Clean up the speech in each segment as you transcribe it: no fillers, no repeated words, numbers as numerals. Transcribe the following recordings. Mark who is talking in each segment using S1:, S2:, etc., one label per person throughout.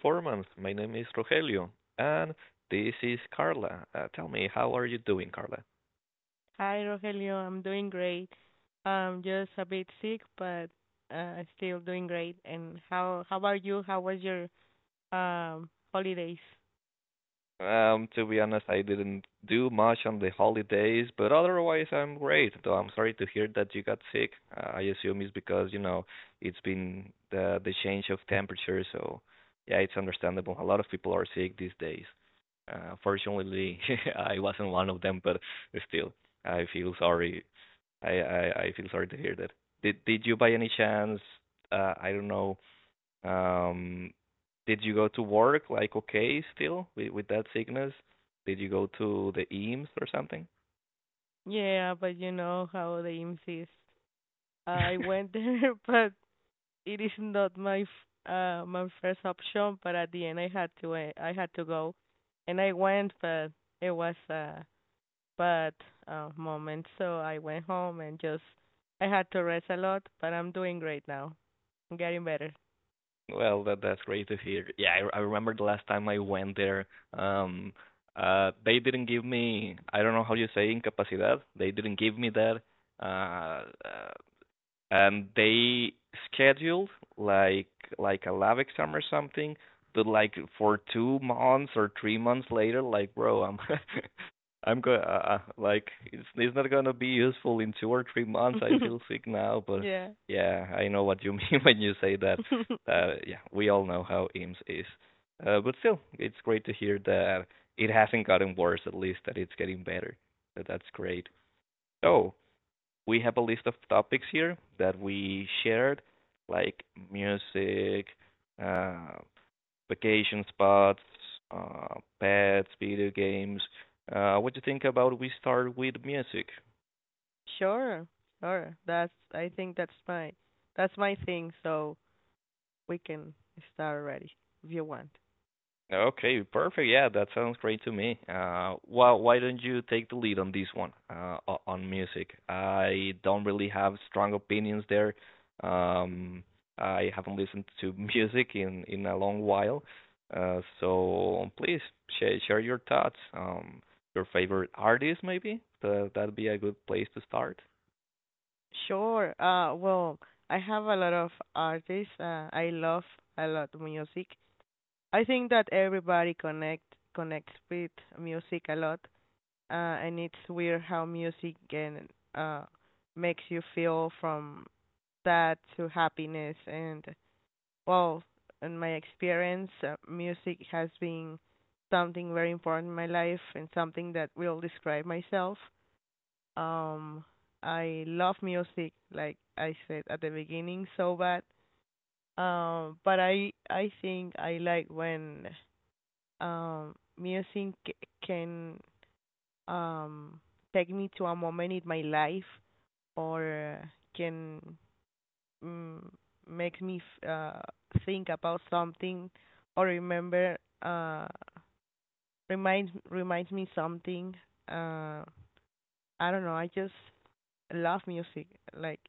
S1: Teleperformance. My name is Rogelio, and this is Carla. Tell me, how are you doing, Carla?
S2: Hi, Rogelio. I'm doing great. I'm just a bit sick, but still doing great. And how about you? How was your holidays?
S1: To be honest, I didn't do much on the holidays, but otherwise I'm great. Though I'm sorry to hear that you got sick. I assume it's because it's been the change of temperature, so yeah, it's understandable. A lot of people are sick these days. Fortunately, I wasn't one of them, but still, I feel sorry I feel sorry to hear that. Did you by any chance, I don't know um, did you go to work, like, okay still with that sickness? Did you go to the EAMS or something?
S2: Yeah, but you know how the IMSS is. I went there, but it is not my first option. But at the end, I had to go, and I went, but it was a bad moment. So I went home and just I had to rest a lot, but I'm doing great now. I'm getting better.
S1: Well, that's great to hear. Yeah, I remember the last time I went there. Um, they didn't give me, I don't know how you say, incapacidad. They didn't give me that. Uh, uh, and they scheduled, like like, a lab exam or something, but like for 2 months or 3 months later. Like, bro, I'm I'm going, like, it's not gonna be useful in 2 or 3 months. I feel sick now. But
S2: Yeah.
S1: yeah, I know what you mean when you say that. uh yeah we all know how eames is. But still, it's great to hear that it hasn't gotten worse, at least that it's getting better. So that's great. So we have a list of topics here that we shared, like music, uh, vacation spots, pets, video games. What do you think about we start with music?
S2: Sure. Sure. That's I think that's my thing, so we can start already if you want.
S1: Okay, perfect. Yeah, that sounds great to me. Why don't you take the lead on this one, on music? I don't really have strong opinions there. Um, I haven't listened to music in a long while. So please share your thoughts. Your favorite artist, maybe? That'd be a good place to start.
S2: Sure. Well, I have a lot of artists. I love a lot of music. I think that everybody connects with music a lot. Uh, and it's weird how music can uh makes you feel from sad to happiness and Well, in my experience, music has been something very important in my life and something that will describe myself. Um, I love music, like I said at the beginning, so bad. But I think I like when music can um take me to a moment in my life or can mm, makes me think about something or remember uh, reminds reminds me something. Uh, I don't know. I just love music. Like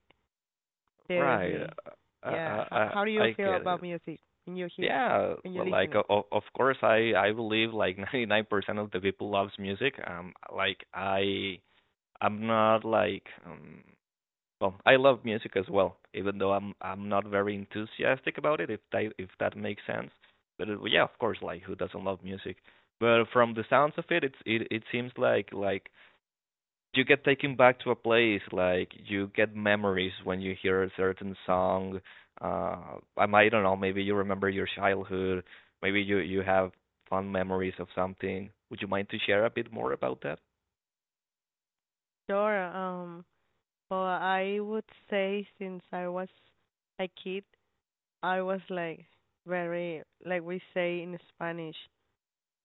S1: Right.
S2: seriously,
S1: I
S2: yeah.
S1: I
S2: How
S1: I
S2: how do you
S1: I
S2: feel
S1: get
S2: about
S1: it.
S2: music when you hear
S1: Yeah,
S2: when you listen it?
S1: of course, I believe, like, 99% of the people loves music. Like, I'm not like, well, I love music as well, even though I'm not very enthusiastic about it, if that makes sense. But it, yeah, of course, like, who doesn't love music? But from the sounds of it, it seems like you get taken back to a place, like you get memories when you hear a certain song. Uh i might don't know, maybe you remember your childhood, maybe you have fond memories of something. Would you mind to share a bit more about that?
S2: Sure. Well, I would say since I was a kid, I was like very like we say in Spanish,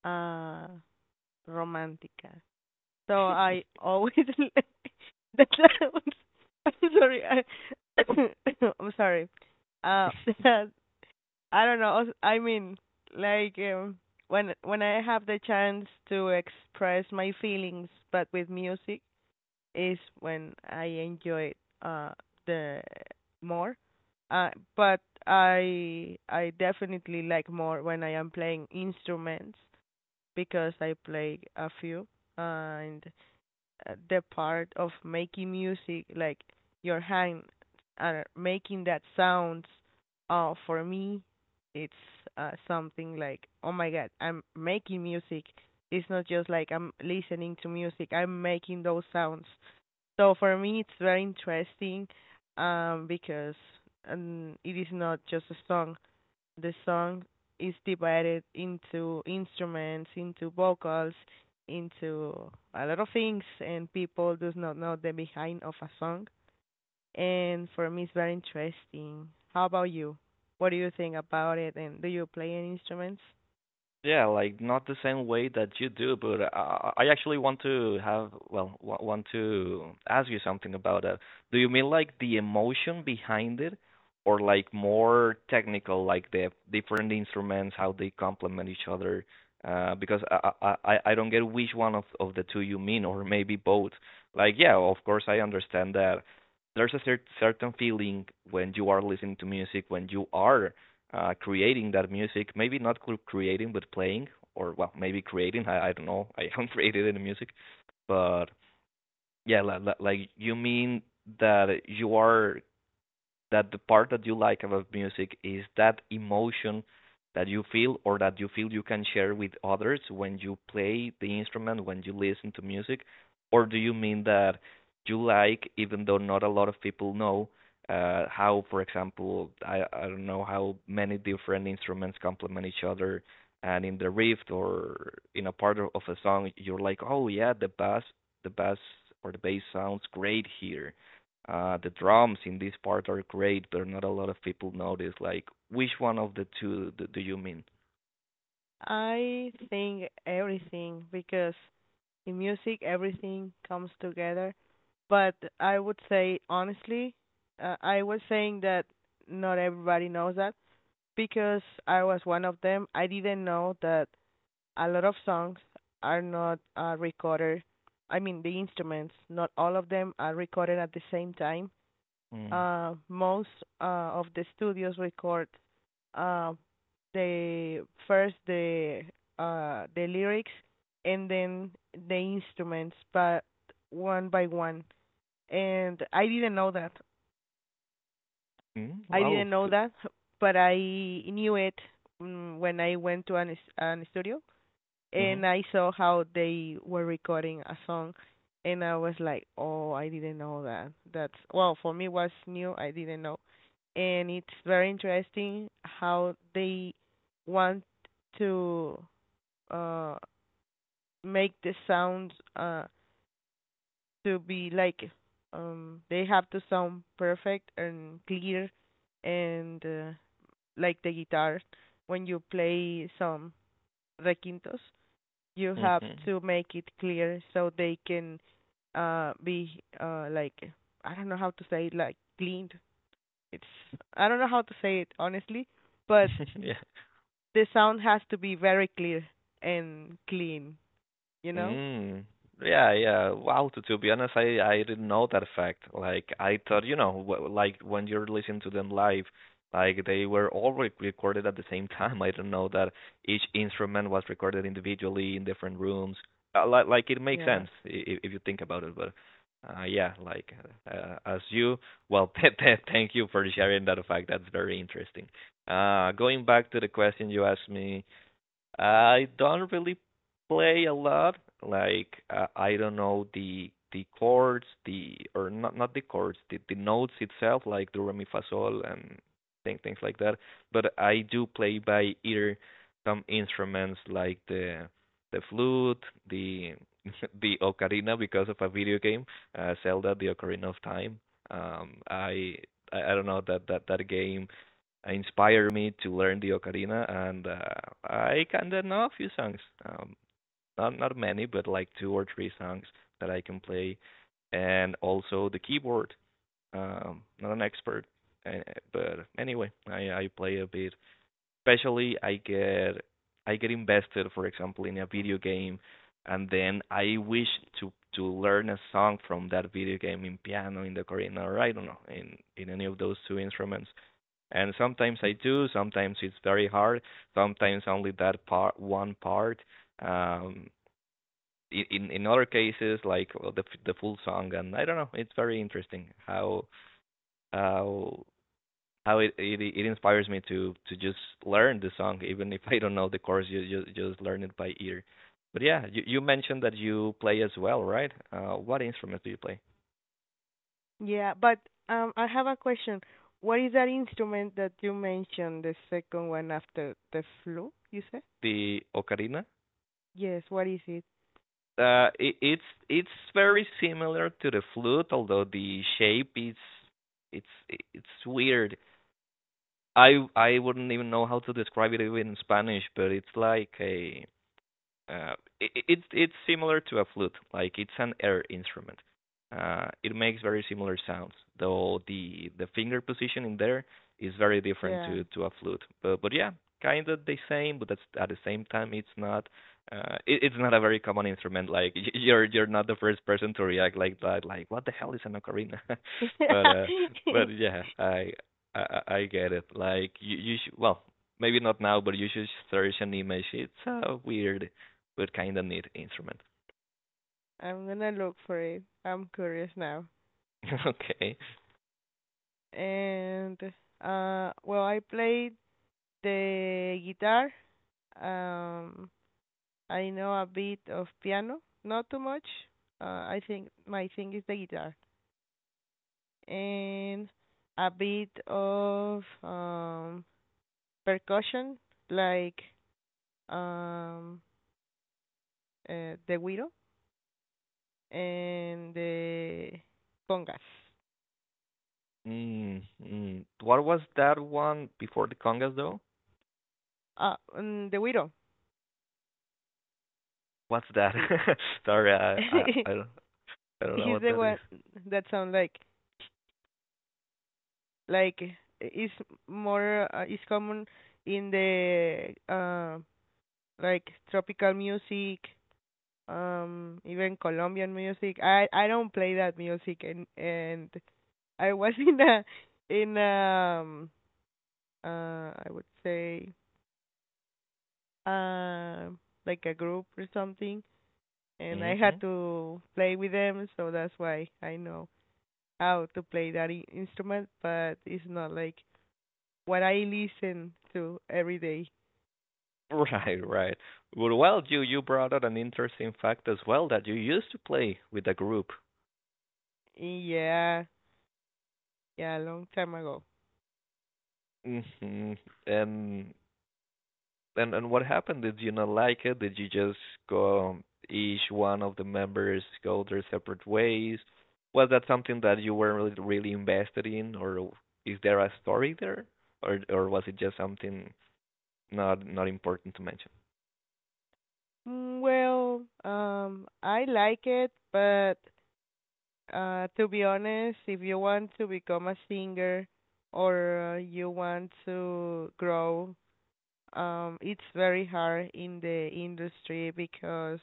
S2: uh, romántica. So I always that sounds I'm sorry. I'm sorry. Uh, I don't know. I mean, like when I have the chance to express my feelings, but with music is when I enjoy it, uh the more. Uh, but I definitely like more when I am playing instruments because I play a few and the part of making music, like your hand and making that sounds, for me, it's something like, oh my God, I'm making music. It's not just like I'm listening to music, I'm making those sounds. So for me, it's very interesting because it is not just a song the song is divided into instruments, into vocals, into a lot of things, and people do not know the behind of a song. And for me, it's very interesting. How about you? What do you think about it, and do you play any instruments?
S1: Yeah, like, not the same way that you do, but I actually want to have, well, want to ask you something about that. Do you mean like the emotion behind it, or like more technical, like the different instruments, how they complement each other? Because I don't get which one of the two you mean, or maybe both. Like, yeah, of course I understand that there's a certain feeling when you are listening to music, when you are, creating that music. Maybe not creating, but playing, or well, maybe creating. I don't know. I haven't created any music, but yeah, like, you mean that you are that the part that you like about music is that emotion that you feel, or that you feel you can share with others when you play the instrument, when you listen to music? Or do you mean that you like, even though not a lot of people know, how, for example, I don't know how many different instruments complement each other, and in the riff or in a part of a song, you're like, "Oh yeah, the bass or the bass sounds great here, the drums in this part are great," but not a lot of people notice. Like, which one of the two do you mean?
S2: I think everything because in music everything comes together. But I would say honestly, I was saying that not everybody knows that because I was one of them, I didn't know that a lot of songs are not recorded. I mean, the instruments, not all of them are recorded at the same time.
S1: Mm.
S2: Most of the studios record uh, the first the the lyrics and then the instruments, but one by one. And I didn't know that.
S1: Mm,
S2: I
S1: wow.
S2: didn't know that, but I knew it when I went to an studio
S1: Mm-hmm.
S2: and I saw how they were recording a song, and I was like, "Oh, I didn't know that." That's Well, for me was new. I didn't know, and it's very interesting how they want to uh make the sounds to be like they have to sound perfect and clear and like the guitar, when you play some requintos, you have
S1: Mm-hmm.
S2: to make it clear so they can be like I don't know how to say it, like cleaned. It's I don't know how to say it honestly, but
S1: Yeah.
S2: the sound has to be very clear and clean, you know?
S1: Mm. Yeah, yeah. Wow, to be honest, I didn't know that fact. Like, I thought like when you're listening to them live, like they were all re recorded at the same time. I didn't know that each instrument was recorded individually in different rooms. Like it makes
S2: Yeah.
S1: sense if you think about it, but yeah, like, as you, well, thank you for sharing that fact. That's very interesting. Going back to the question you asked me, I don't really play a lot. Like, I don't know the chords, the, or not the chords, the notes itself, like do re mi fa sol and things like that. But I do play by ear some instruments, like the flute, the the ocarina, because of a video game, Zelda: The Ocarina of Time. Um, I I don't know that that game, inspire me to learn the ocarina, and I kinda know a few songs. Not many, but like two or three songs that I can play, and also the keyboard. Not an expert, uh, but anyway, I play a bit. Especially, I get invested, for example, in a video game, and then I wish to learn a song from that video game, in piano, in the ocarina, or I don't know, in any of those two instruments. And sometimes I do, sometimes it's very hard, sometimes only that part, one part. Um, in other cases, like, the full song, and I don't know, it's very interesting how how it inspires me to just learn the song, even if I don't know the chords, you just learn it by ear. But yeah, you mentioned that you play as well, right? What instrument do you play?
S2: Yeah, but I have a question. What is that instrument that you mentioned, the second one after the flute, you said?
S1: The ocarina?
S2: Yes, what is it?
S1: uh, it, it's it's very similar to the flute, although the shape is, it's it's weird. I wouldn't even know how to describe it, even in Spanish, but it's like a, uh, it's similar to a flute, like it's an air instrument. It makes very similar sounds, though the finger position in there is very different
S2: Yeah.
S1: to a flute. But yeah, kind of the same, but that's, at the same time, it's not. It's not a very common instrument. Like, you're not the first person to react like that. Like, what the hell is an ocarina? but uh, but yeah, I get it. Like, you should, well, maybe not now, but you should search an image. It's a weird, we kind of neat instrument.
S2: I'm gonna look for it. I'm curious now.
S1: Okay.
S2: And well I played the guitar. Um I know a bit of piano, not too much. I think my thing is the guitar. And a bit of percussion like um the guiro and the congas.
S1: Mm, mm. What was that one before the congas, though?
S2: Ah, the guiro.
S1: What's that?
S2: Eh,
S1: Sorry, I, I I don't I don't know
S2: He's
S1: what
S2: the
S1: that is.
S2: one that sound like is more is common in the like tropical music, even Colombian music. I don't play that music, and I was in I would say um like a group or something, and I
S1: Mm-hmm.
S2: had to play with them, so that's why I know how to play that instrument, but it's not like what I listen to every day.
S1: Right, right. Well, you brought out an interesting fact as well, that you used to play with a group.
S2: Yeah, yeah, a long time ago.
S1: Hmm. And and what happened? Did you not like it? Did you just go, each one of the members go their separate ways? Was that something that you were really, really invested in, or is there a story there, or was it just something not important to mention?
S2: Well, I like it, but to be honest, if you want to become a singer or you want to grow, it's very hard in the industry because,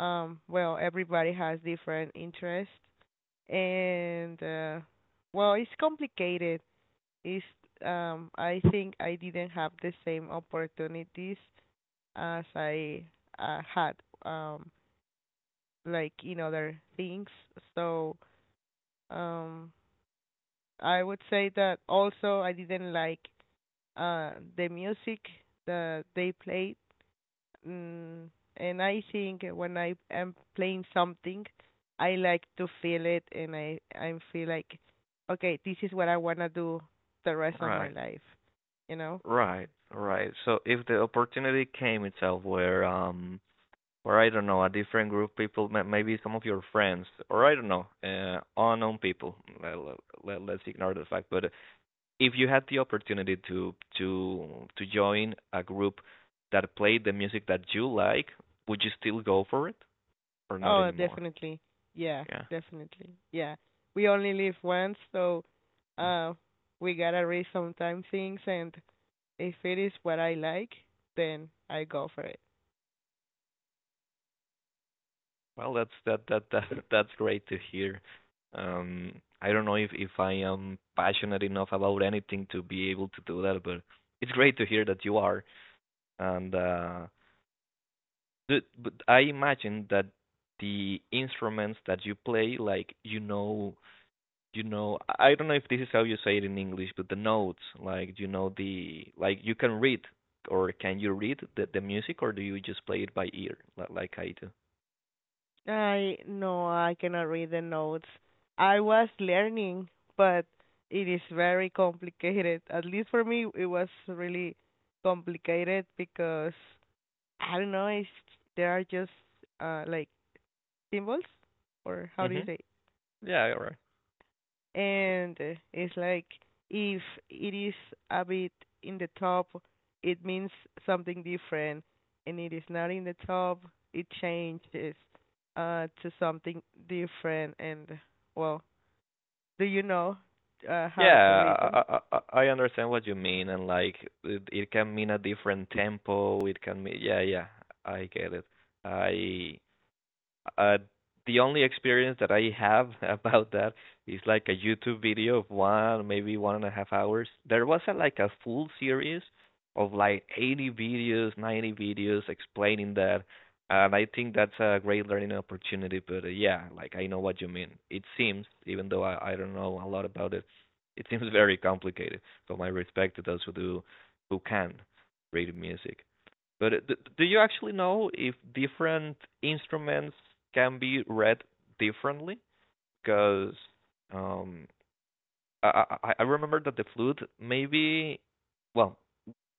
S2: well, everybody has different interests and well, it's complicated is I think I didn't have the same opportunities as I had um like in other things. So um I would say that also I didn't like uh the music that they played. Mm, and I think when I am playing something, I like to feel it and I feel like okay, this is what I want to do the rest of my
S1: Right,
S2: life, you know?
S1: right, right. So if the opportunity came itself, where, or I don't know, a different group of people, maybe some of your friends, or I don't know, unknown people. Let, let's ignore the fact, but if you had the opportunity to join a group that played the music that you like, would you still go for it, or not
S2: Oh,
S1: anymore?
S2: definitely. Yeah,
S1: Yeah.
S2: definitely. Yeah. We only live once, so uh we gotta risk sometime things and if it is what I like, then I go for it.
S1: Well, that's that that that that's great to hear. Um, I don't know if I am passionate enough about anything to be able to do that, but it's great to hear that you are. And but I imagine that the instruments that you play, like, I don't know if this is how you say it in English, but the notes, like, the, like, you can read, or can you read the music, or do you just play it by ear, like I do?
S2: I No, I cannot read the notes. I was learning, but it is very complicated. At least for me, it was really complicated because I don't know, there are just like symbols or how do you
S1: Mhm.
S2: say?
S1: Yeah. All right.
S2: And it's like if it is a bit in the top, it means something different, and it is not in the top, it changes to something different. And well, do you know how to
S1: Yeah.
S2: read
S1: I,
S2: them?
S1: I i I understand what you mean, and like, it can mean a different tempo, it can mean, yeah, yeah, I get it I Uh, the only experience that I have about that is like a YouTube video of 1, maybe 1.5 hours. There was a, like a full series of like 80 videos, 90 videos explaining that, and I think that's a great learning opportunity. But Yeah, like I know what you mean. It seems, even though I don't know a lot about it, it seems very complicated. So my respect to those who do, who can read music. But Do you actually know if different instruments can be read differently? Because um, I remember that the flute maybe, well,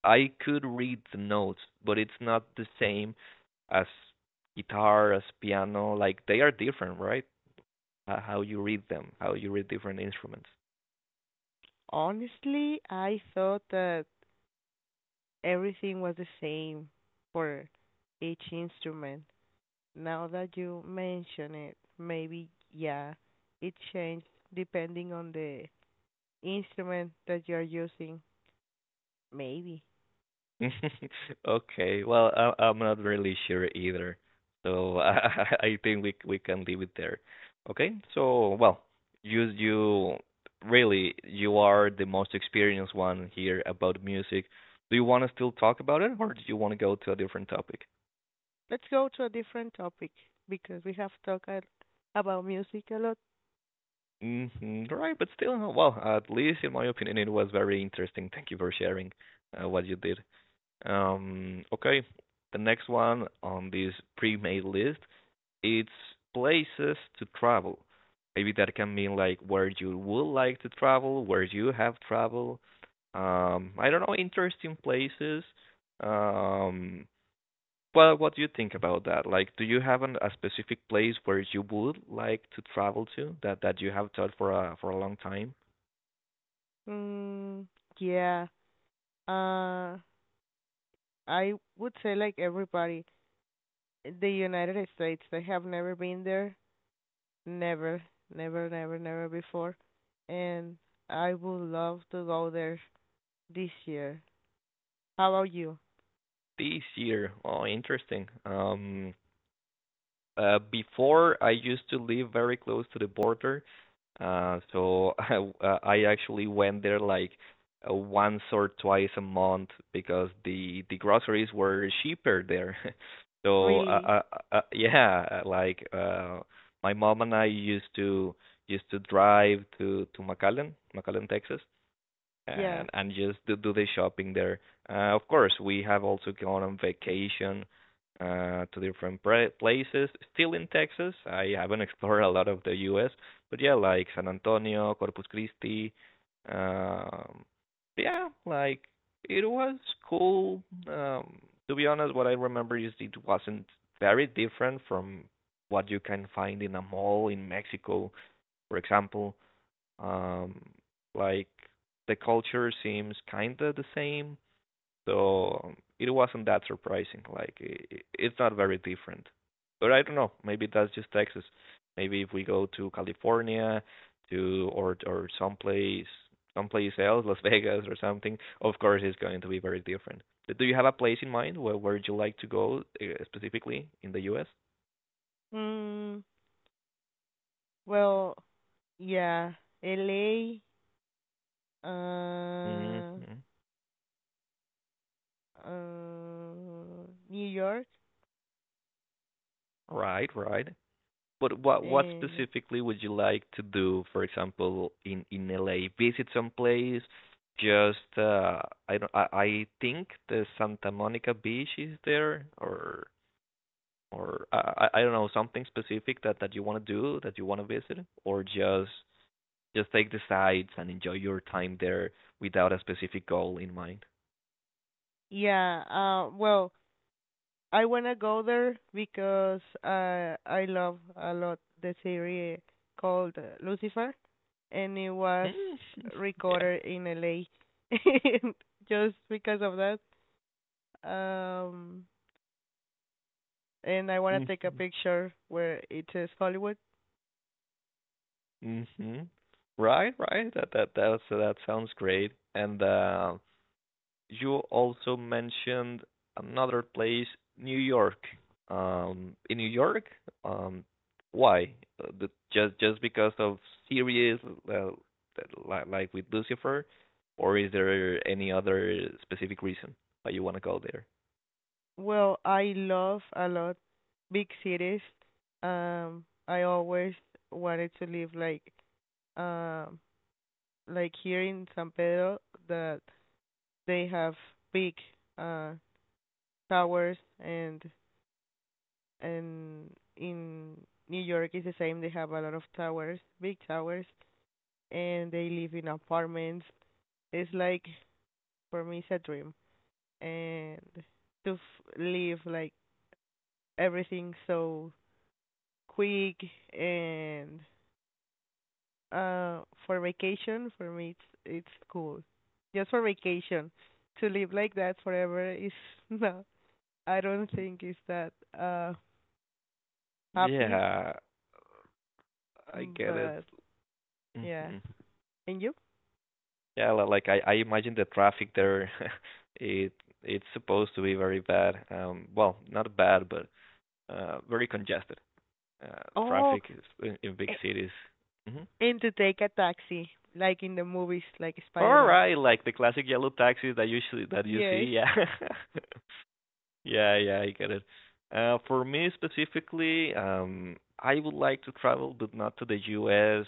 S1: I could read the notes, but it's not the same as guitar, as piano. Like they are different, right? How you read them, how you read different instruments.
S2: Honestly, I thought that everything was the same for each instrument. Now that you mention it, maybe yeah, it changed depending on the instrument that you're using, maybe.
S1: Okay. Well, I'm not really sure either, so I think we can leave it there. Okay. So, well, you really you are the most experienced one here about music. Do you want to still talk about it, or do you want to go to a different topic?
S2: Let's go to a different topic because we have talked about music a lot.
S1: Hmm. Right, but still, no, well, at least in my opinion, it was very interesting. Thank you for sharing what you did. Okay, the next one on this pre-made list it's places to travel. Maybe that can mean like where you would like to travel, where you have traveled. I don't know, interesting places. Um, well, what do you think about that? Like, do you have an, a specific place where you would like to travel to that you have thought for a long time?
S2: Mm, yeah. Uh, I would say like everybody, the United States, I have never been there. Never, never, never, never before. And I would love to go there this year. How about you?
S1: This year, oh, interesting. Before I used to live very close to the border, so I actually went there like once or twice a month because the groceries were cheaper there. So uh,
S2: Really?
S1: uh, yeah, like my mom and I used to drive to McAllen, McAllen, Texas,
S2: Yeah.
S1: and just do the shopping there. Of course, we have also gone on vacation to different places. Still in Texas, I haven't explored a lot of the U.S., but yeah, like San Antonio, Corpus Christi. Um, yeah, like it was cool. Um, to be honest, what I remember is it wasn't very different from what you can find in a mall in Mexico, for example. Um, like the culture seems kind of the same, so it wasn't that surprising. Like it's not very different. But I don't know. Maybe that's just Texas. Maybe if we go to California, to or someplace else, Las Vegas or something, of course it's going to be very different. Do you have a place in mind where would you like to go specifically in the U.S.?
S2: Mm, well, yeah. LA, Uh,
S1: Mm-hmm.
S2: uh, New York.
S1: Right, right. But what
S2: Uh,
S1: specifically would you like to do, for example, in LA? Visit some place? Just I don't I think the Santa Monica Beach is there, or I don't know something specific that you want to do that you want to visit, or just take the sights and enjoy your time there without a specific goal in mind.
S2: yeah. Well, I wanna go there because I love a lot the series called Lucifer, and it was
S1: Mm, yeah.
S2: recorded in LA. Just because of that, um, and I wanna take a
S1: Mhm.
S2: picture where it says Hollywood.
S1: Mhm. Right, right. That sounds great. And you also mentioned another place, New York. In New York, um, why? The, just because of series uh, like with Lucifer, or is there any other specific reason why you want to go there?
S2: Well, I love a lot big cities. I always wanted to live like um like here in San Pedro that they have big uh towers and and in New York is the same. They have a lot of towers, big towers, and they live in apartments. It's like for me it's a dream and to live like everything so quick and uh for vacation for me it's cool. Just for vacation. To live like that forever is no I don't think it's that happy
S1: Yeah, I get it.
S2: but yeah.
S1: Mhm.
S2: And you?
S1: Yeah, like I imagine the traffic there, it it's supposed to be very bad. Well, not bad, but very congested. uh,
S2: Oh
S1: Traffic in big
S2: a-
S1: cities. Hmm.
S2: and to take a taxi like in the movies like Spider
S1: All
S2: Man.
S1: right, like the classic yellow taxis that usually that you
S2: Yes.
S1: see. Yeah, yeah, yeah. I get it. For me specifically, I would like to travel, but not to the U.S.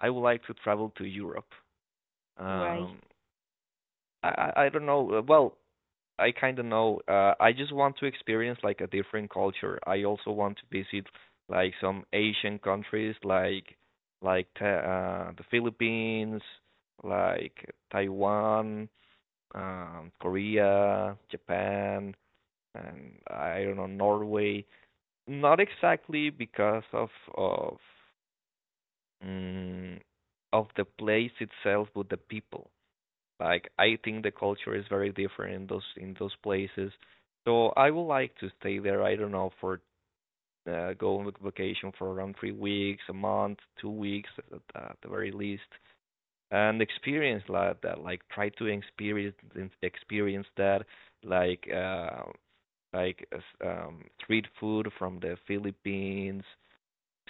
S1: I would like to travel to Europe.
S2: Why?
S1: Um, I don't know. Well, I kind of know. I just want to experience like a different culture. I also want to visit like some Asian countries, like the Philippines, like Taiwan, Korea, Japan, and I don't know Norway. Not exactly because of of mm, of the place itself, but the people. Like I think the culture is very different in those places. So I would like to stay there. I don't know for go on vacation for around 3 weeks, a month, 2 weeks at the very least, and experience like that. Like try to experience that. Like uh, like street food from the Philippines,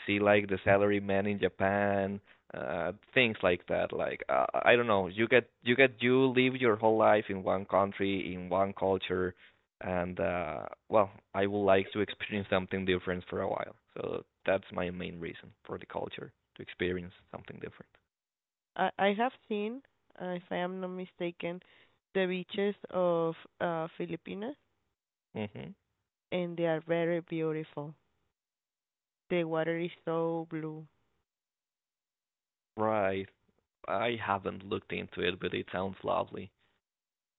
S1: see like the salary man in Japan, things like that. I don't know, you live your whole life in one country, in one culture, and well, I would like to experience something different for a while. So that's my main reason for the culture to experience something different.
S2: I have seen, if I am not mistaken, the beaches of Filipinas
S1: Mhm.
S2: and they are very beautiful. The water is so blue.
S1: Right. I haven't looked into it, but it sounds lovely,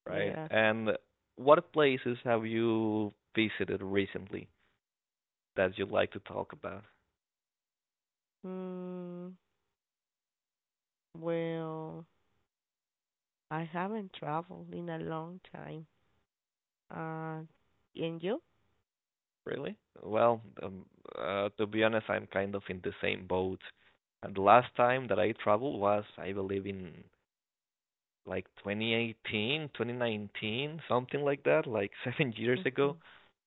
S1: right?
S2: Yeah.
S1: And what places have you visited recently that you'd like to talk about?
S2: Mm, well, I haven't traveled in a long time. Uh, and you?
S1: Really? Well, to be honest, I'm kind of in the same boat. And the last time that I traveled was, I believe, in like 2018, 2019, something like that, like 7 years ago.
S2: hmm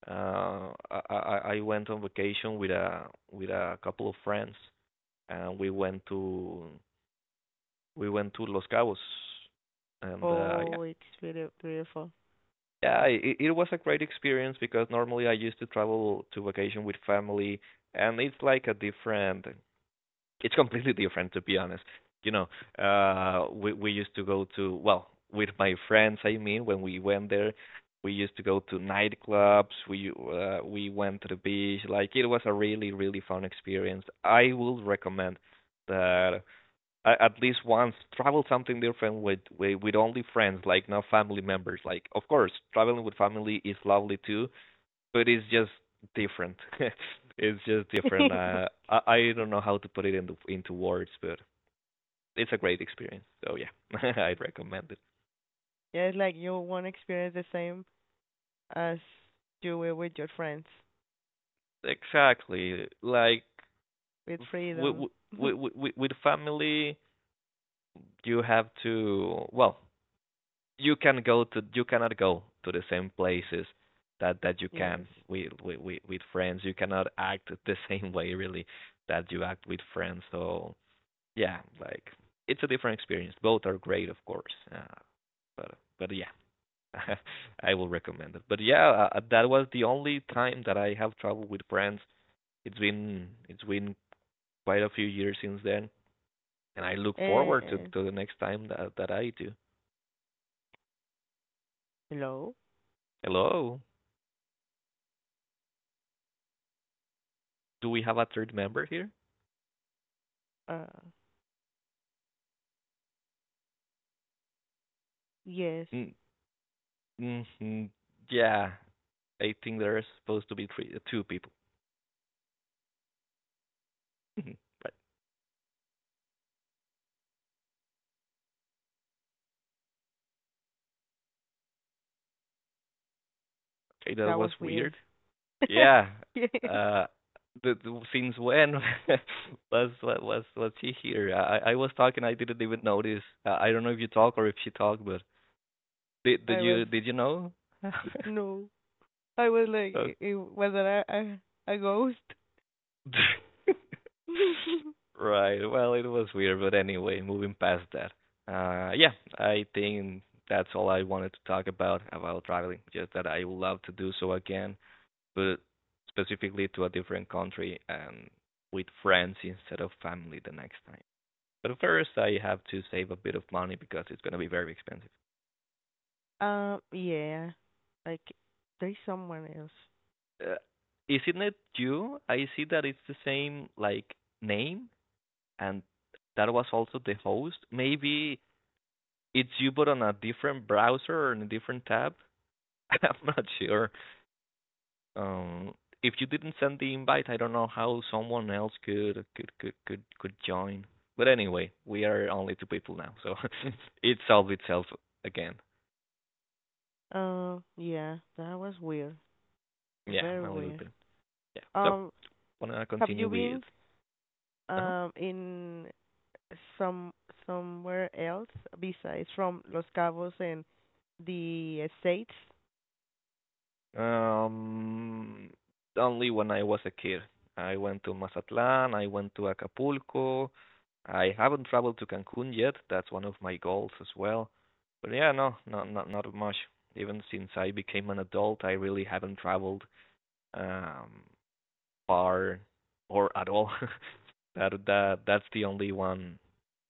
S1: I went on vacation with a couple of friends, and we went to Los Cabos, and yeah,
S2: Oh, it's really beautiful.
S1: yeah, it was a great experience because normally I used to travel to vacation with family, and it's like a different, it's completely different to be honest. You know, we used to go to, well, with my friends, I mean, when we went there, we used to go to nightclubs, we went to the beach. Like it was a really, really fun experience. I would recommend that I, at least once travel something different with, with only friends, like not family members. Like of course, traveling with family is lovely too, but it's just different. It's just different. I don't know how to put it into words, but it's a great experience. So yeah, I'd recommend it.
S2: Yeah, it's like you won't experience the same as you will with your friends,
S1: Exactly. Like
S2: with
S1: with
S2: freedom.
S1: with with family, you have to well you cannot go to the same places that you can
S2: Yes.
S1: with with friends. You cannot act the same way really that you act with friends. So yeah, like it's a different experience. Both are great, of course. But yeah, I will recommend it. But yeah, that was the only time that I have traveled with friends. It's been quite a few years since then, and I look forward to
S2: And
S1: the next time that I do.
S2: hello?
S1: Hello, do we have a third member here?
S2: Uh, yes.
S1: Mm, mhm. Yeah, I think there are supposed to be three, two people. Mhm. But okay, that
S2: That
S1: was
S2: was weird.
S1: weird. Yeah.
S2: Yes.
S1: Uh, the Since when was she here? I was talking, I didn't even notice. I don't know if you talk or if she talked, but did
S2: I was.
S1: you did you know?
S2: No. I was like,
S1: Oh.
S2: was it a ghost?
S1: Right. Well, it was weird, but anyway, moving past that. Yeah, I think that's all I wanted to talk about traveling. Just that I would love to do so again, but specifically to a different country and with friends instead of family the next time. But first, I have to save a bit of money because it's gonna be very expensive.
S2: Yeah, like there's someone else.
S1: Uh, isn't it you? I see that it's the same like name, and that was also the host. Maybe it's you but on a different browser or in a different tab. I'm not sure. Um, if you didn't send the invite, I don't know how someone else could join. But anyway, we are only two people now, so it solved itself again.
S2: Yeah, that was weird,
S1: Yeah,
S2: very
S1: a little
S2: weird.
S1: bit. Yeah. So
S2: Um,
S1: wanna
S2: have you
S1: continue with
S2: been
S1: uh
S2: in some somewhere else besides from Los Cabos and the States?
S1: um, only when I was a kid. I went to Mazatlan, I went to Acapulco. I haven't traveled to Cancun yet. That's one of my goals as well. But yeah, no, not much. Even since I became an adult, I really haven't traveled um far or at all. That that's the only one.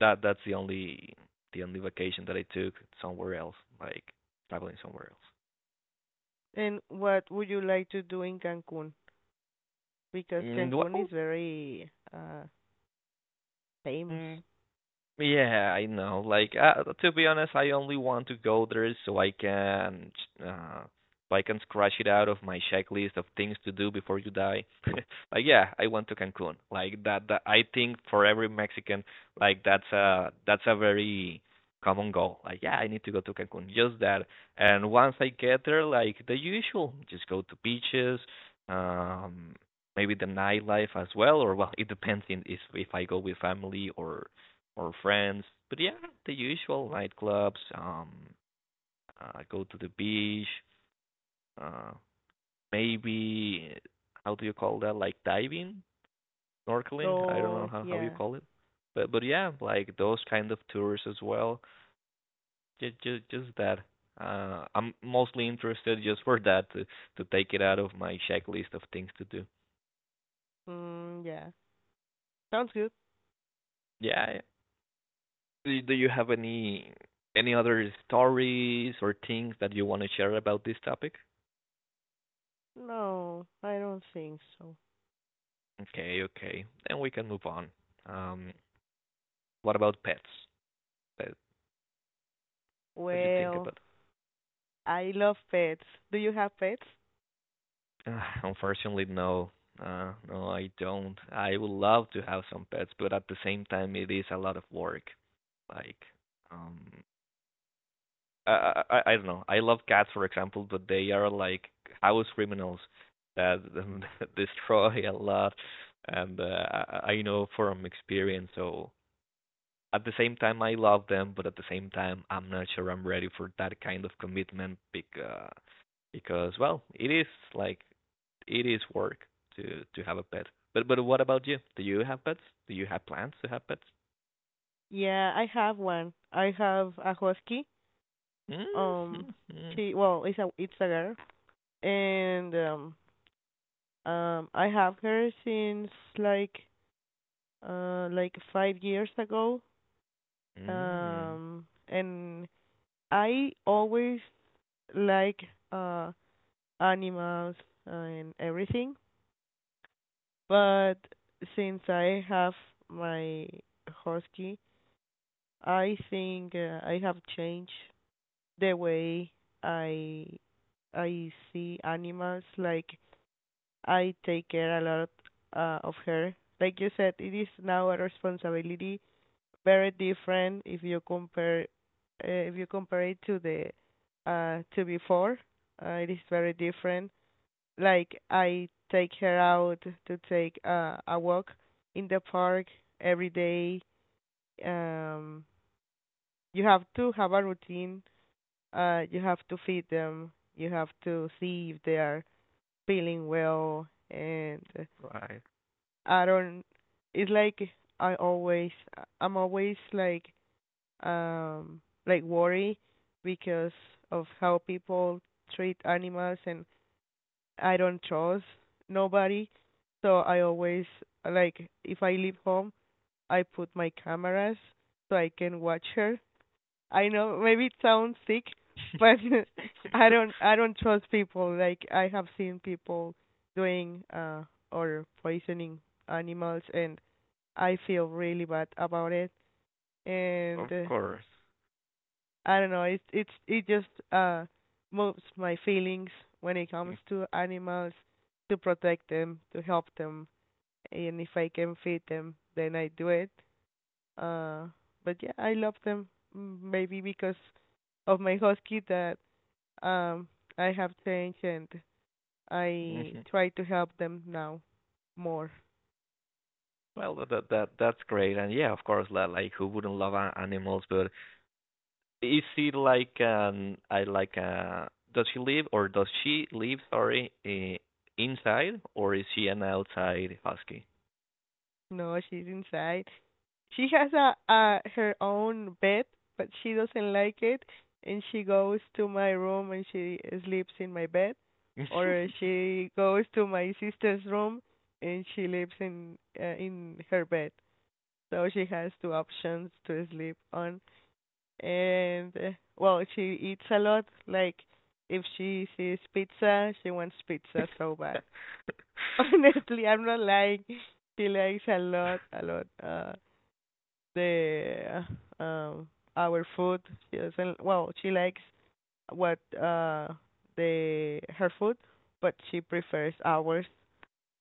S1: That's the only vacation that I took somewhere else, like traveling somewhere else.
S2: And what would you like to do in Cancun? Because
S1: Mm,
S2: Cancun is
S1: well,
S2: very famous.
S1: mm, yeah, I know. Like, to be honest, I only want to go there uh, so I can scratch it out of my checklist of things to do before you die. Like, yeah, I went to Cancun. Like that I think for every Mexican, that's a very common goal. Like, yeah, I need to go to Cancun. Just that. And once I get there, like the usual, just go to beaches, um, maybe the nightlife as well, or well, it depends in if I go with family or friends. But yeah, the usual nightclubs. Go to the beach. Uh, Maybe how do you call that? Like diving, snorkeling. I don't know
S2: Oh
S1: how you
S2: yeah.
S1: call it. But yeah, like those kind of tours as well. Just that. I'm mostly interested just for that to take it out of my checklist of things to do.
S2: Mm, yeah. Sounds good.
S1: Yeah. Do you have any other stories or things that you want to share about this topic?
S2: No, I don't think so.
S1: Okay, okay. Then we can move on. Um, what about pets? Pet, what do you think
S2: Well,
S1: about?
S2: I love pets. Do you have pets?
S1: Unfortunately, no. No, I don't. I would love to have some pets, but at the same time, it is a lot of work. Like, um, I don't know. I love cats, for example, but they are like house criminals that destroy a lot. And I know from experience, so at the same time I love them, but at the same time I'm not sure I'm ready for that kind of commitment because well, it is like it is work to have a pet. But what about you? Do you have pets? Do you have plans to have pets?
S2: Yeah, I have one. I have a husky. Um,
S1: Mm-hmm.
S2: she Well, it's a girl, and I have her since like like 5 years ago.
S1: Mm,
S2: And I always like uh animals and everything. But since I have my husky, I think I have changed the way I I see animals. Like I take care a lot of her. Like you said, it is now a responsibility very different if you compare it to the to before. It is very different. Like I take her out to take a walk in the park every day. Um, you have to have a routine. You have to feed them. You have to see if they are feeling well. And
S1: right.
S2: I don't. It's like I always. I'm always like worry because of how people treat animals, and I don't trust nobody. So I always, like, if I leave home, I put my cameras so I can watch her. I know maybe it sounds sick, but I don't trust people. Like I have seen people doing or poisoning animals, and I feel really bad about it. And
S1: Of course.
S2: I don't know. It just moves my feelings when it comes to animals, to protect them, to help them, and if I can feed them, then I do it. Uh, but yeah, I love them. Maybe because of my husky that um I have changed and I
S1: Mhm.
S2: try to help them now more.
S1: Well, that's great. And yeah, of course, like who wouldn't love animals, but is he like I like does he live or does she live, sorry, inside or is she an outside husky?
S2: No, she's inside. She has a her own bed, but she doesn't like it, and she goes to my room and she sleeps in my bed, or she goes to my sister's room and she lives in her bed. So she has two options to sleep on, and well, she eats a lot. Like if she sees pizza, she wants pizza so bad. Honestly, I'm not lying. She likes a lot, a lot. The um our food. She doesn't well, she likes what the her food, but she prefers ours.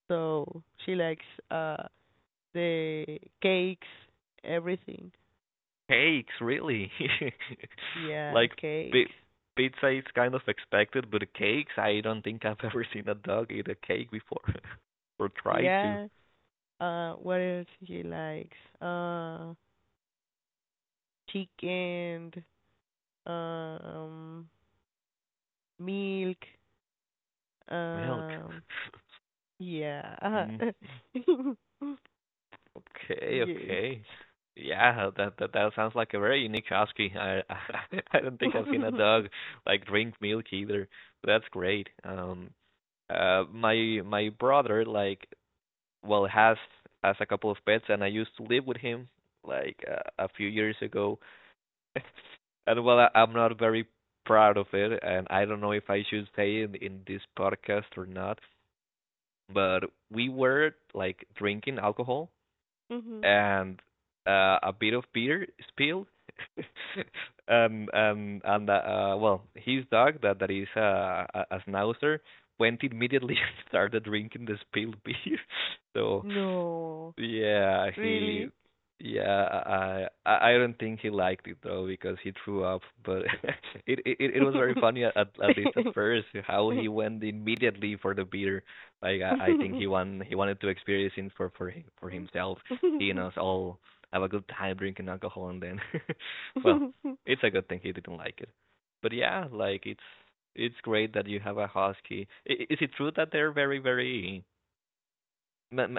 S2: So she likes uh the cakes, everything.
S1: Cakes, really?
S2: Yeah,
S1: Like pi
S2: cakes.
S1: pizza is kind of expected, but cakes, I don't think I've ever seen a dog eat a cake before or try to.
S2: Yeah. What else she likes? Chicken, um milk,
S1: Milk.
S2: um yeah.
S1: Mm. Okay,
S2: Yes.
S1: okay. Yeah, that sounds like a very unique husky. I I don't think I've seen a dog like drink milk either. That's great. My brother like well has a couple of pets, and I used to live with him like a few years ago. And well, I'm not very proud of it, and I don't know if I should say in this podcast or not. But we were like drinking alcohol
S2: Mhm.
S1: and a bit of Peter Spiel, and and well, his dog that is a schnauzer went immediately and started drinking the spilled beer. So
S2: No.
S1: yeah, he.
S2: Really?
S1: Yeah, I don't think he liked it though because he threw up. But it was very funny at least at first how he went immediately for the beer. Like I think he wanted to experience it for him, for himself, seeing us all have a good time drinking alcohol and then, well, it's a good thing he didn't like it. But yeah, like it's great that you have a husky. Is it true that they're very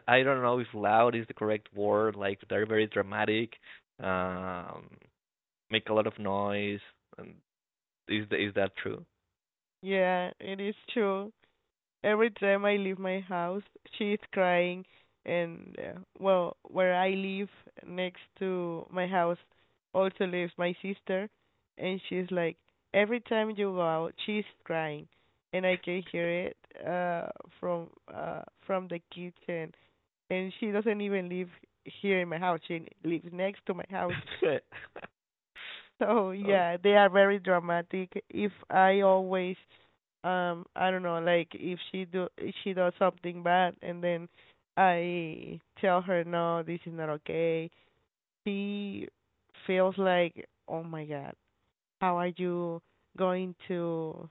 S1: I don't know if loud is the correct word. Like they're very dramatic, um, make a lot of noise. And is that true?
S2: Yeah, it is true. Every time I leave my house, she is crying. And well, where I live next to my house also lives my sister, and she's like, every time you go out, she's crying, and I can hear it uh from from the kitchen. And she doesn't even live here in my house. She lives next to my house, so
S1: Oh.
S2: yeah, they are very dramatic. If I always, I don't know, like if she does something bad and then I tell her no, this is not okay. She feels like, oh my God, how are you going to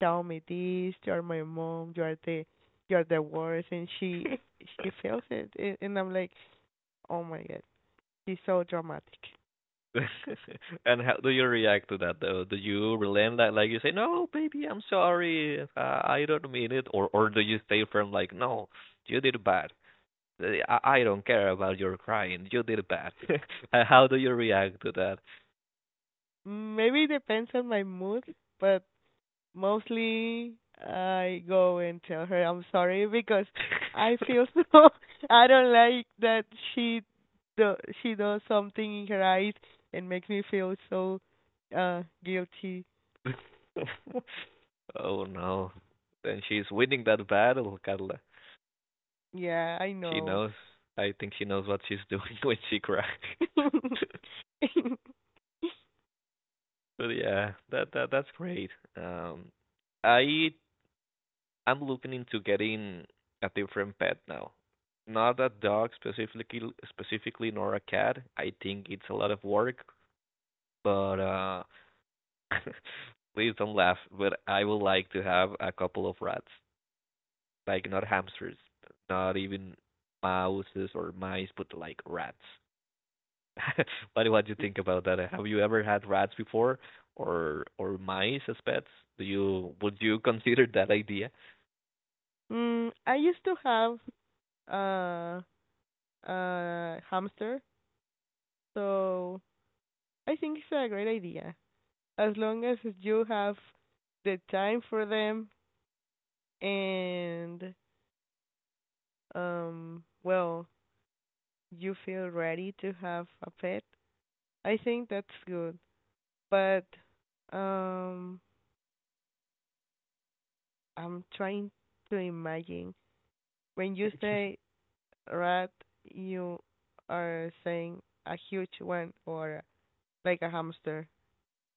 S2: tell me this? You're my mom. You're the worst, and she feels it, and I'm like, oh my God, she's so dramatic.
S1: And how do you react to that though? Do you relent that like you say, "No, baby, I'm sorry, I don't mean it," or do you stay firm like, "No, you did bad. I don't care about your crying, you did bad." How do you react to
S2: Maybe it depends on my mood, but mostly, I go and tell her I'm sorry because I feel so I don't like that she do, she does something in her eyes and makes me feel so guilty.
S1: that? Oh no. Then she's winning that battle, Carla.
S2: Yeah, I
S1: She
S2: know.
S1: knows. I think she knows what she's doing when she cries. But yeah, that's great. Um I I'm looking into getting a different pet now. Not a dog specifically nor a cat. I think it's a lot of work, but please don't laugh, but I would like to have a couple of rats. Like not hamsters, not even mouses or mice, but like rats. What do you think about that? Have you ever had rats before, or mice as pets? Do you would you consider that idea?
S2: I used to have uh hamster, so I think it's a great idea. As long as you have the time for them and well, you feel ready to have a pet. I think that's good. But um, I'm trying to imagine. When you say rat, you are saying a huge one or like a hamster.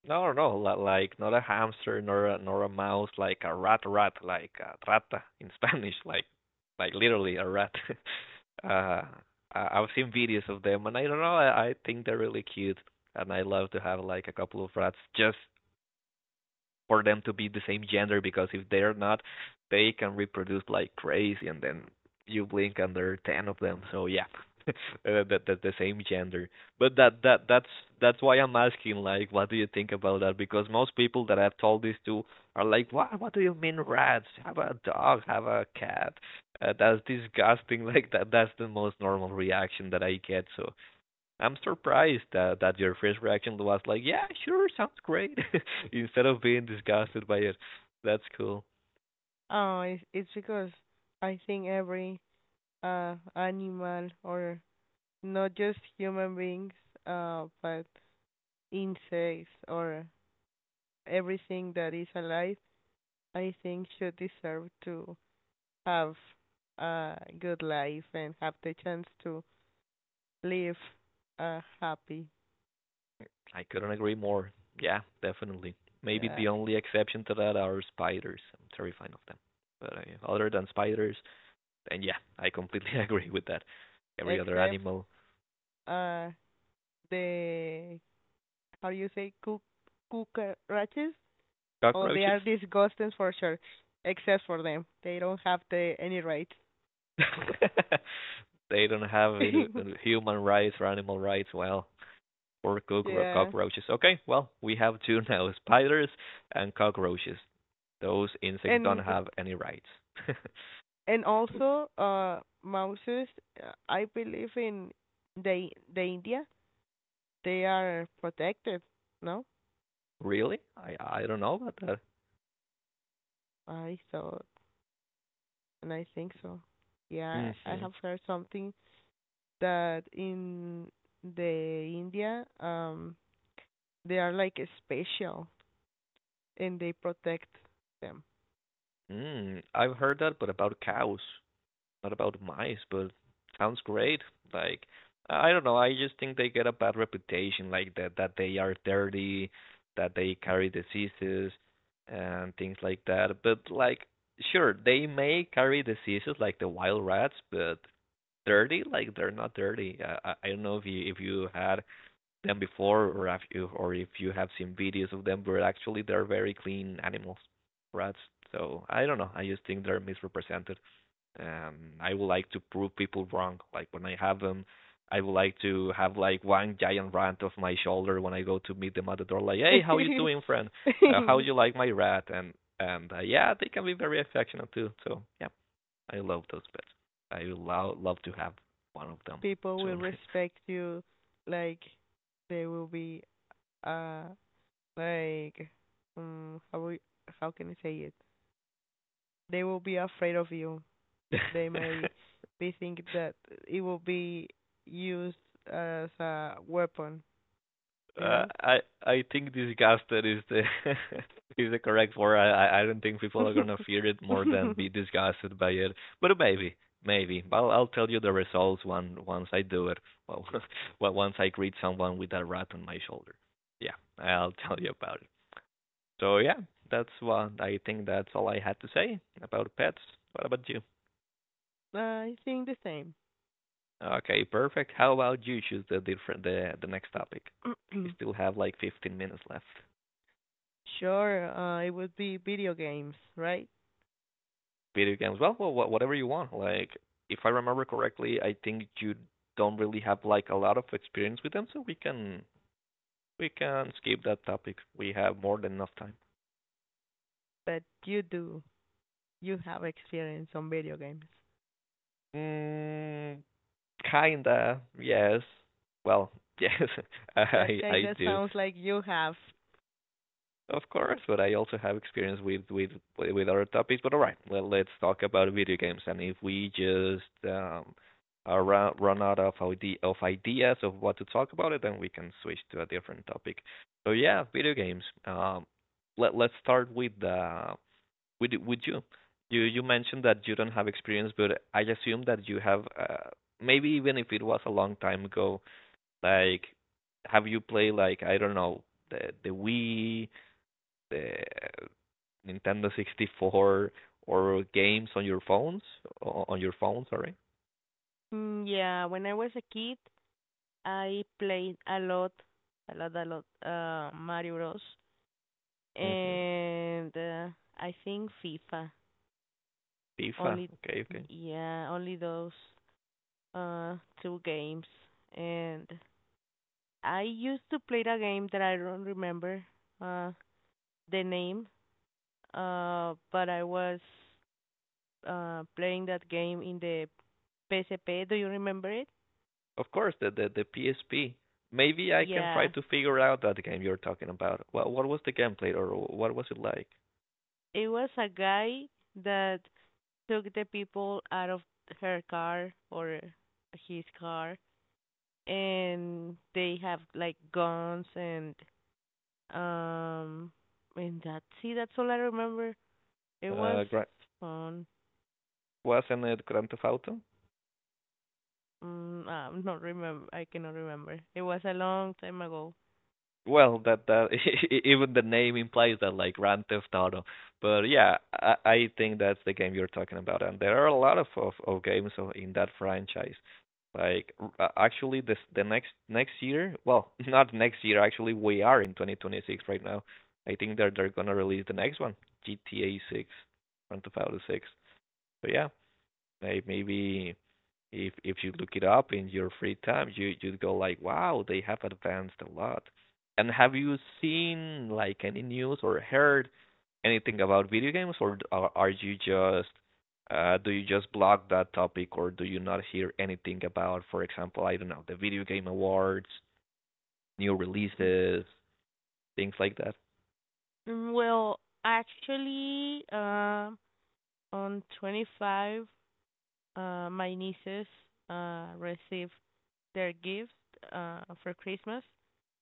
S1: No, no, like not a hamster, nor a, nor a mouse, like a rat, rat, like a rata in Spanish, like literally a rat. uh, I've seen videos of them, and I don't know, I think they're really cute, and I love to have like a couple of rats just for them to be the same gender because if they're not, they can reproduce like crazy, and then you blink and there are ten of them. So yeah, uh, that that the same gender. But that's that's why I'm asking like, what do you think about that? Because most people that I've told this to are like, "What do you mean rats? Have a dog? Have a cat? That's disgusting." Like that's the most normal reaction that I get. So I'm surprised that your first reaction was like, "Yeah, sure, sounds great," instead of being disgusted by it. That's cool.
S2: Oh, it's because I think every animal or not just human beings, but insects or everything that is alive, I think you deserve to have a good life and have the chance to live happy.
S1: I couldn't agree more. Yeah, definitely. Maybe
S2: Uh,
S1: the only exception to that are spiders. I'm terrified of them. But yeah, other than spiders, then yeah, I completely agree with that. Every other
S2: except
S1: animal,
S2: uh, the how do you say cook cockroaches? Oh, they are
S1: cockroaches,
S2: disgusting for sure. Except for them, they don't have the any rights.
S1: they don't have any human rights or animal rights. Well, or
S2: Yeah,
S1: cockroaches. Okay, well, we have two now, spiders and cockroaches. Those insects don't
S2: and
S1: have any rights.
S2: also mouses. I believe in the the India they are protected, no?
S1: Really? I don't know about that.
S2: I thought, and I think so. Yeah, I
S1: Mm-hmm.
S2: have heard something that in the India, they are like special and they protect them.
S1: Mm, I've heard that, but about cows, not about mice. But sounds great. Like I don't know. I just think they get a bad reputation, like that they are dirty, that they carry diseases and things like that. But like, sure, they may carry diseases like the wild rats, but dirty. Like they're not dirty. I don't know if you had them before or if you have seen videos of them, but actually they're very clean animals, rats. So I don't know. I just think they're misrepresented. Um, I would like to prove people wrong. Like when I have them, I would like to have like one giant rat off my shoulder when I go to meet them at the door. Like, hey, how you doing, friend? How you like my rat? And yeah, they can be very affectionate too. So yeah. I love those pets. I would love to have one of them
S2: People will
S1: soon.
S2: respect you, like they will be, uh, like, um, how we, how can I say it? They will be afraid of you. They may be thinking that it will be used as a weapon,
S1: uh,
S2: you
S1: I I think disgusted is the is the correct word. I don't think people are
S2: know?
S1: gonna fear it more than be disgusted by it. But maybe maybe. But I'll tell you the results when once I do it. Well, well, once I greet someone with a rat on my shoulder. Yeah, I'll tell you about it. So yeah, that's what I think. That's all I had to say about pets. What about you?
S2: I think the same.
S1: Okay, perfect. How about you choose the different the next topic? We still have like 15 minutes left.
S2: Sure, it would be video games, right?
S1: Video games. Well, well, whatever you want. Like, if I remember correctly, I think you don't really have like a lot of experience with them, so we can skip that topic. We have more than enough time.
S2: But you do. You have experience on video games.
S1: Mm, kinda. Yes. Well, yes.
S2: That kind
S1: I
S2: of
S1: do.
S2: sounds like you have.
S1: Of course, but I also have experience with with other topics. But all right, well, let's talk about video games. And if we just run out of ideas of what to talk about, it then we can switch to a different topic. So yeah, video games. Let's start with with you. You mentioned that you don't have experience, but I assume that you have. Maybe even if it was a long time ago, like have you played like I don't know the Wii, the Nintendo 64, or games on your phone, sorry?
S2: Yeah, when I was a kid, I played a lot, a lot, a lot, Mario Bros.
S1: Hmm,
S2: And I think FIFA.
S1: FIFA.
S2: Only,
S1: Okay, okay.
S2: yeah, only those uh two games. And I used to play a game that I don't remember uh the name, but I was playing that game in the PSP. Do you remember it?
S1: Of course, the, the PSP. Maybe I can try
S2: Yeah.
S1: to figure out that game you're talking about. What was the gameplay or what was it like?
S2: It was a guy that took the people out of her car or his car, and they have like guns and Um, that's all I remember. It was
S1: uh gra-
S2: fun.
S1: wasn't it Grand Theft Auto?
S2: I'm not remember. I cannot remember. It was a long time ago.
S1: Well, that that even the name implies that, like Grand Theft Auto. But yeah, I think that's the game you're talking about, and there are a lot of of games of, in that franchise. Like actually, this the next year. Well, not next year. Actually, we are in 2026 right now. I think they're gonna release the next one, GTA 6, Grand Theft Auto 6. But yeah, maybe if you look it up in your free time, you'd go like, wow, they have advanced a lot. And have you seen like any news or heard anything about video games, or are you just do you just block that topic, or do you not hear anything about, for example, I don't know, the video game awards, new
S2: Mm.
S1: releases, things like that?
S2: Well, actually, on the 25th, my nieces received their gift for Christmas,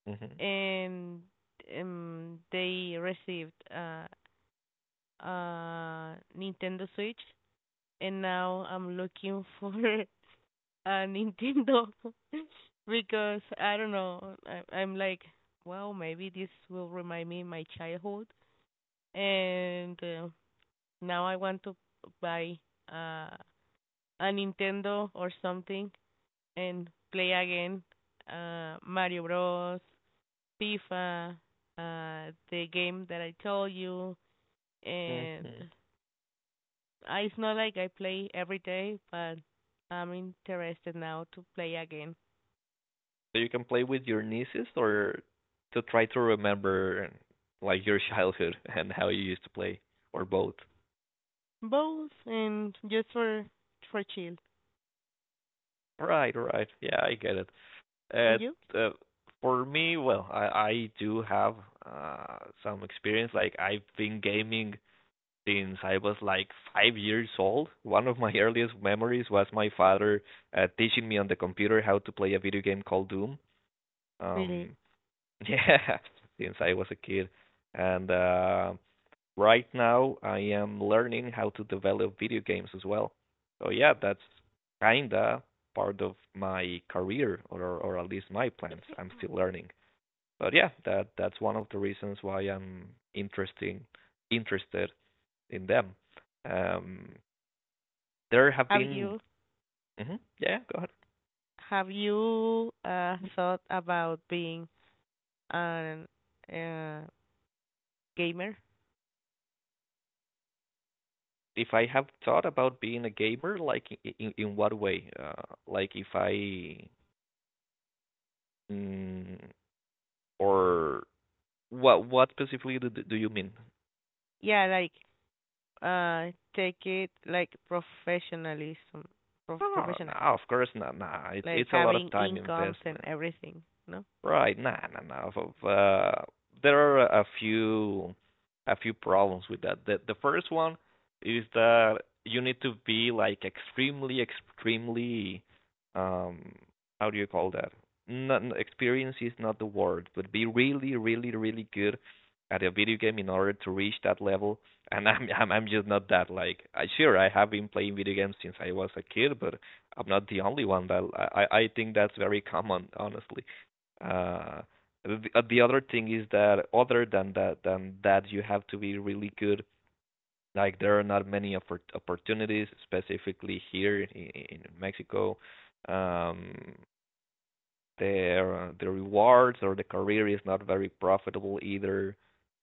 S1: Mm-hmm.
S2: and they received Nintendo Switch, and now I'm looking for a Nintendo because I don't know. I'm like, well, maybe this will remind me my childhood, and now I want to buy uh, a Nintendo or something and play again Mario Bros, FIFA, the game that I told you, and
S1: Mm-hmm.
S2: I, it's not like I play every day, but I'm interested now to play again.
S1: So you can play with your nieces or to try to remember like your childhood and how you used to play or both.
S2: Both and just for chill.
S1: Right, right. Yeah, I get it.
S2: And you?
S1: Uh, uh, for me, well, I do have uh, some experience. Like I've been gaming since I was like 5 years old. One of my earliest memories was my father teaching me on the computer how to play a video game called Doom.
S2: Really?
S1: Um, yeah, since I was a kid, and right now I am learning how to develop video games as well. So yeah, that's kinda part of my career or at least my plans. I'm still learning. But yeah, that's one of the reasons why I'm interesting interested in them. Um there have
S2: Have
S1: been
S2: you
S1: yeah, go ahead.
S2: have you thought about being an uh gamer?
S1: If I have thought about being a gamer, like in what way? Like if I mm, or what specifically do you mean?
S2: Yeah, like take it like professionalism
S1: No, no,
S2: professional.
S1: of course not. No, it's
S2: Like
S1: it's a lot of
S2: having
S1: time
S2: incomes and
S1: investment.
S2: everything, no?
S1: Right. Nah, nah, nah. So, there are a few problems with that. The first one is that you need to be like extremely, extremely, um, how do you call that? Not experience is not the word, but be really, really, really good at a video game in order to reach that level. And I'm just not that. Like, I sure I have been playing video games since I was a kid, but I'm not the only one that I think that's very common, honestly. Uh, the other thing is that other than that you have to be really good. Like there are not many opportunities, specifically here in Mexico. Um, their the rewards or the career is not very profitable either.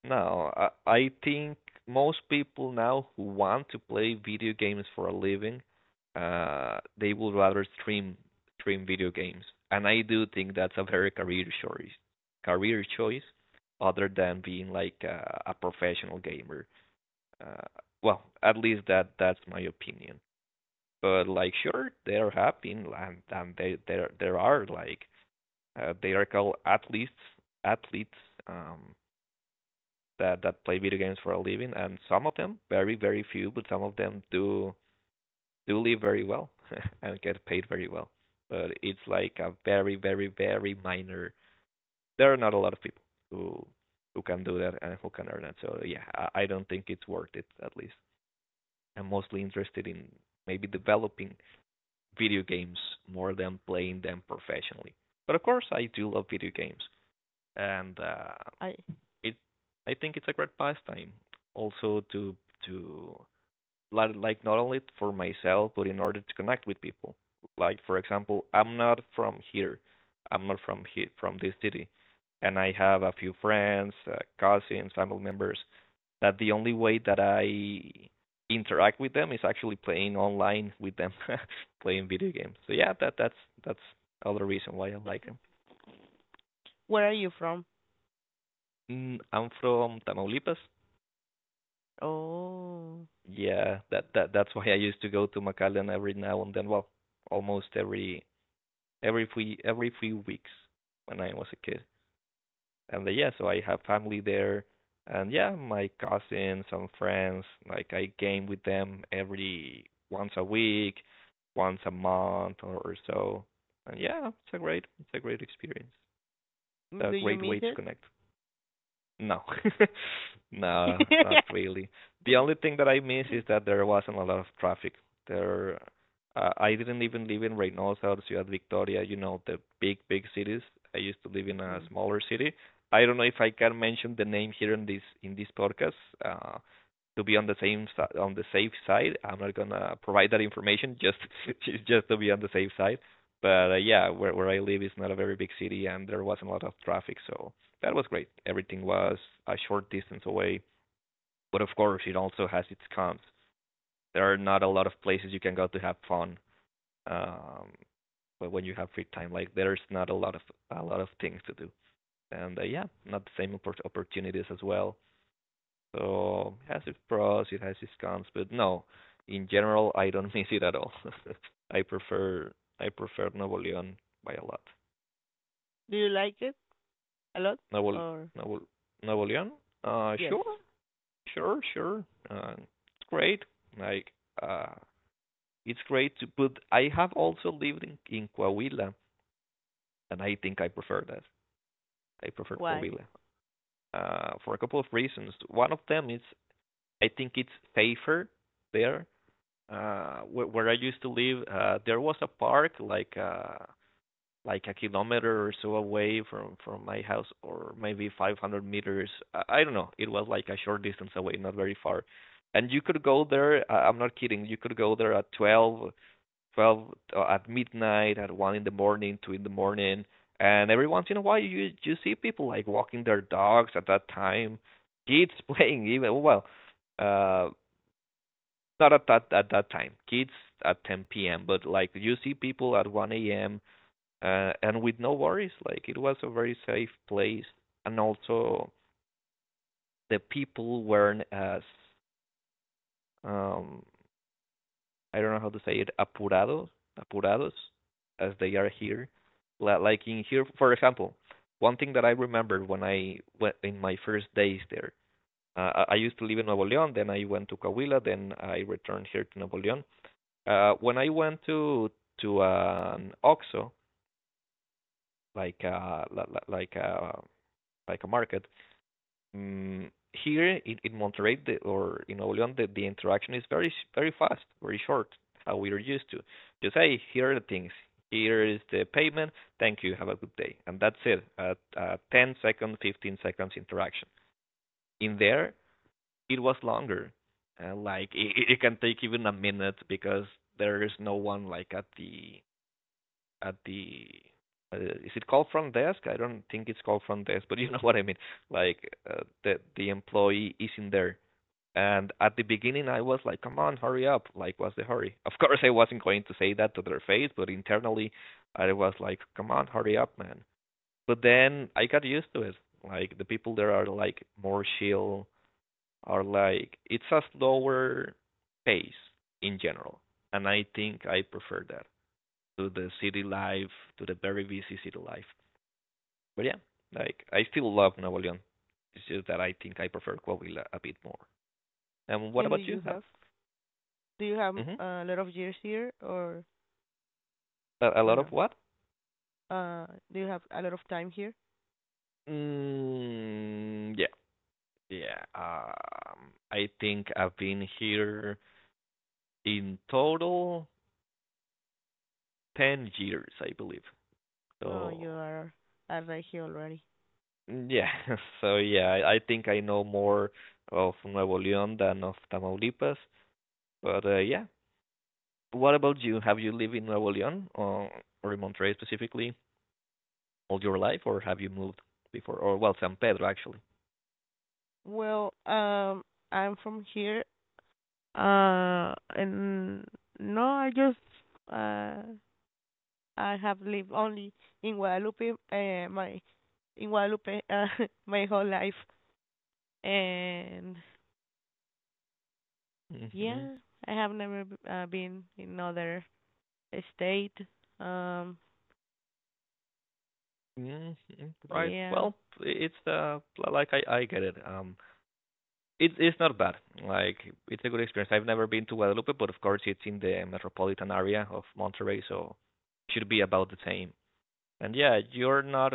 S1: No, I think most people now who want to play video games for a living, they would rather stream video games, and I do think that's a very career choice. Career choice, other than being like a professional gamer. Uh, well, at least that's my opinion. But like, sure, they're happy, and they there there are like they are called athletes um, that play video games for a living, and some of them, very very few, but some of them do live very well and get paid very well. But it's like a very very very minor. There are not a lot of people who who can do that and who can earn it. So yeah, I don't think it's worth it at least. I'm mostly interested in maybe developing video games more than playing them professionally. But of course, I do love video games, and
S2: I
S1: it I think it's a great pastime also to to like not only for myself but in order to connect with people. Like for example, I'm not from here. I'm not from here from this city, and I have a few friends, cousins, family members. That the only way that I interact with them is actually playing online with them, playing video games. So yeah, that's other reason why I like them.
S2: where are you from?
S1: I'm from Tamaulipas.
S2: Oh.
S1: Yeah, that's why I used to go to McAllen every now and then. Well, almost every few weeks when I was a kid. And yeah, so I have family there, and yeah, my cousins, some friends. Like I game with them every once a week, once a month or so. And yeah, it's a great experience. A
S2: Do you
S1: great
S2: miss
S1: way to
S2: it?
S1: connect. No, no, not really. The only thing that I miss is that there wasn't a lot of traffic. There, I didn't even live in Reynosa or Ciudad Victoria, you know, the big, big cities. I used to live in a
S2: Mhm.
S1: smaller city. I don't know if I can mention the name here in this podcast. Uh, to be on the on the safe side, I'm not gonna provide that information just just to be on the safe side. But yeah, where I live is not a very big city, and there wasn't a lot of traffic, so that was great. Everything was a short distance away, but of course, it also has its cons. There are not a lot of places you can go to have fun, um, but when you have free time, like there's not a lot of things to do, and yeah, not the same opportunities as well. So it has its pros, it has its cons, but no, in general, I don't miss it at all. I prefer I prefer Nuevo León by a lot.
S2: Do you like it a lot
S1: Nuevo
S2: or
S1: Nuevo Nuevo León?
S2: yes?
S1: Sure. Sure, sure. It's great. Like, uh, it's great to put. I have also lived in Coahuila, and I think I prefer that. I prefer
S2: Why?
S1: Coahuila for a couple of reasons. One of them is I think it's safer there. Where I used to live, there was a park like a kilometer or so away from my house or maybe 500 meters I don't know it was like a short distance away, not very far, and you could go there I'm not kidding, you could go there at 12 12 at midnight, at 1 in the morning, 2 in the morning, and every once in a while you see people like walking their dogs at that time, kids playing even, well uh not at that time, kids at 10 p.m., but like you see people at 1 a.m and with no worries. Like it was a very safe place, and also the people weren't as um, I don't know how to say it, apurados apurados as they are here. Like in here, for example, one thing that I remember when I went in my first days there, I used to live in Nuevo León, then I went to Coahuila, then I returned here to Nuevo León. When I went to an OXXO, like like uh, like a market, Mm, here in Monterrey the, or in Nuevo León, the interaction is very fast, very short, how we are used to. Just hey, here are the things. Here is the payment. Thank you. Have a good day. And that's it. A 10 second, 15 seconds interaction. In there, it was longer. Like it it can take even a minute because there is no one like at the at the is it called front desk? I don't think it's called front desk, but you know what I mean. Like the employee is in there, and at the beginning I was like, "Come on, hurry up!" Like, what's the hurry? Of course, I wasn't going to say that to their face, but internally, I was like, "Come on, hurry up, man!" But then I got used to it. Like the people there are like more chill, are like it's a slower pace in general, and I think I prefer that to the city life, to the very busy city life. But yeah, like I still love Nuevo León. It's just that I think I prefer Coahuila a bit more. And what
S2: And
S1: about you? How,
S2: do you have
S1: hmm
S2: a lot of years here
S1: a
S2: or
S1: lot of
S2: no?
S1: what?
S2: Uh, do you have a lot of time here?
S1: Yeah, yeah. I think I've been here in total 10 years, I believe.
S2: No, you
S1: So
S2: are right here already.
S1: yeah, so yeah, I think I know more of Nuevo León than of Tamaulipas. But yeah, what about you? Have you lived in Nuevo León or in Monterrey specifically all your life, or have you moved before? Or well, San Pedro actually.
S2: Well, I'm from here. And no, uh I have lived only in Guadalupe. My in Guadalupe my whole life, and
S1: hmm
S2: yeah, I have never been in other state. Um,
S1: hmm Right.
S2: yeah.
S1: Well, it's like I get it. It's not bad. Like it's a good experience. I've never been to Guadalupe, but of course it's in the metropolitan area of Monterrey, so it should be about the same. And yeah, you're not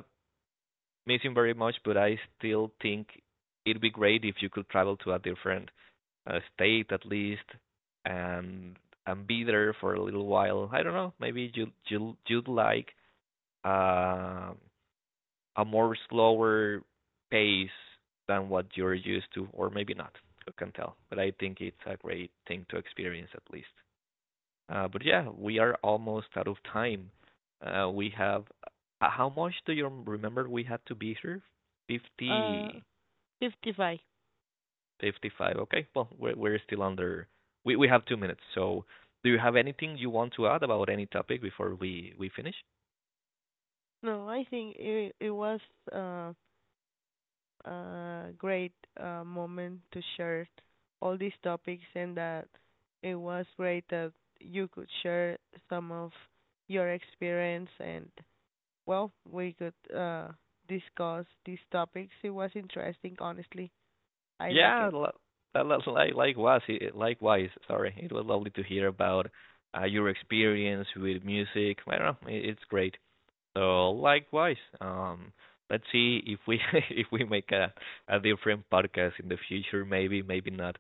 S1: missing very much, but I still think it'd be great if you could travel to a different state at least, and be there for a little while. I don't know. Maybe you'd like uh, a more slower pace than what you're used to, or maybe not. Who can tell? But I think it's a great thing to experience at least. But yeah, we are almost out of time. We have. How much do you remember we had to be here?
S2: Uh,
S1: 50,
S2: 55.
S1: 55. Okay. Well, we're still under. We have 2 minutes. So, do you have anything you want to add about any topic before we finish?
S2: No, I think it was uh, a great moment to share all these topics, and that it was great that you could share some of your experience, and well, we could discuss these topics. It was interesting, honestly. I like
S1: Yeah.
S2: it.
S1: Likewise. Likewise. Sorry. It was lovely to hear about your experience with music. I don't know. It's great. So likewise, let's see if we if we make a different podcast in the future. Maybe, maybe not.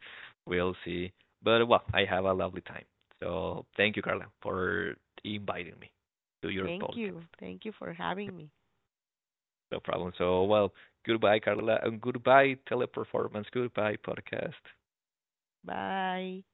S1: We'll see. But well, I have a lovely time. So thank you, Carla, for inviting me to your
S2: Thank
S1: podcast.
S2: you. Thank you for having me.
S1: No problem. So well, goodbye, Carla, and goodbye teleperformance. Goodbye podcast.
S2: Bye.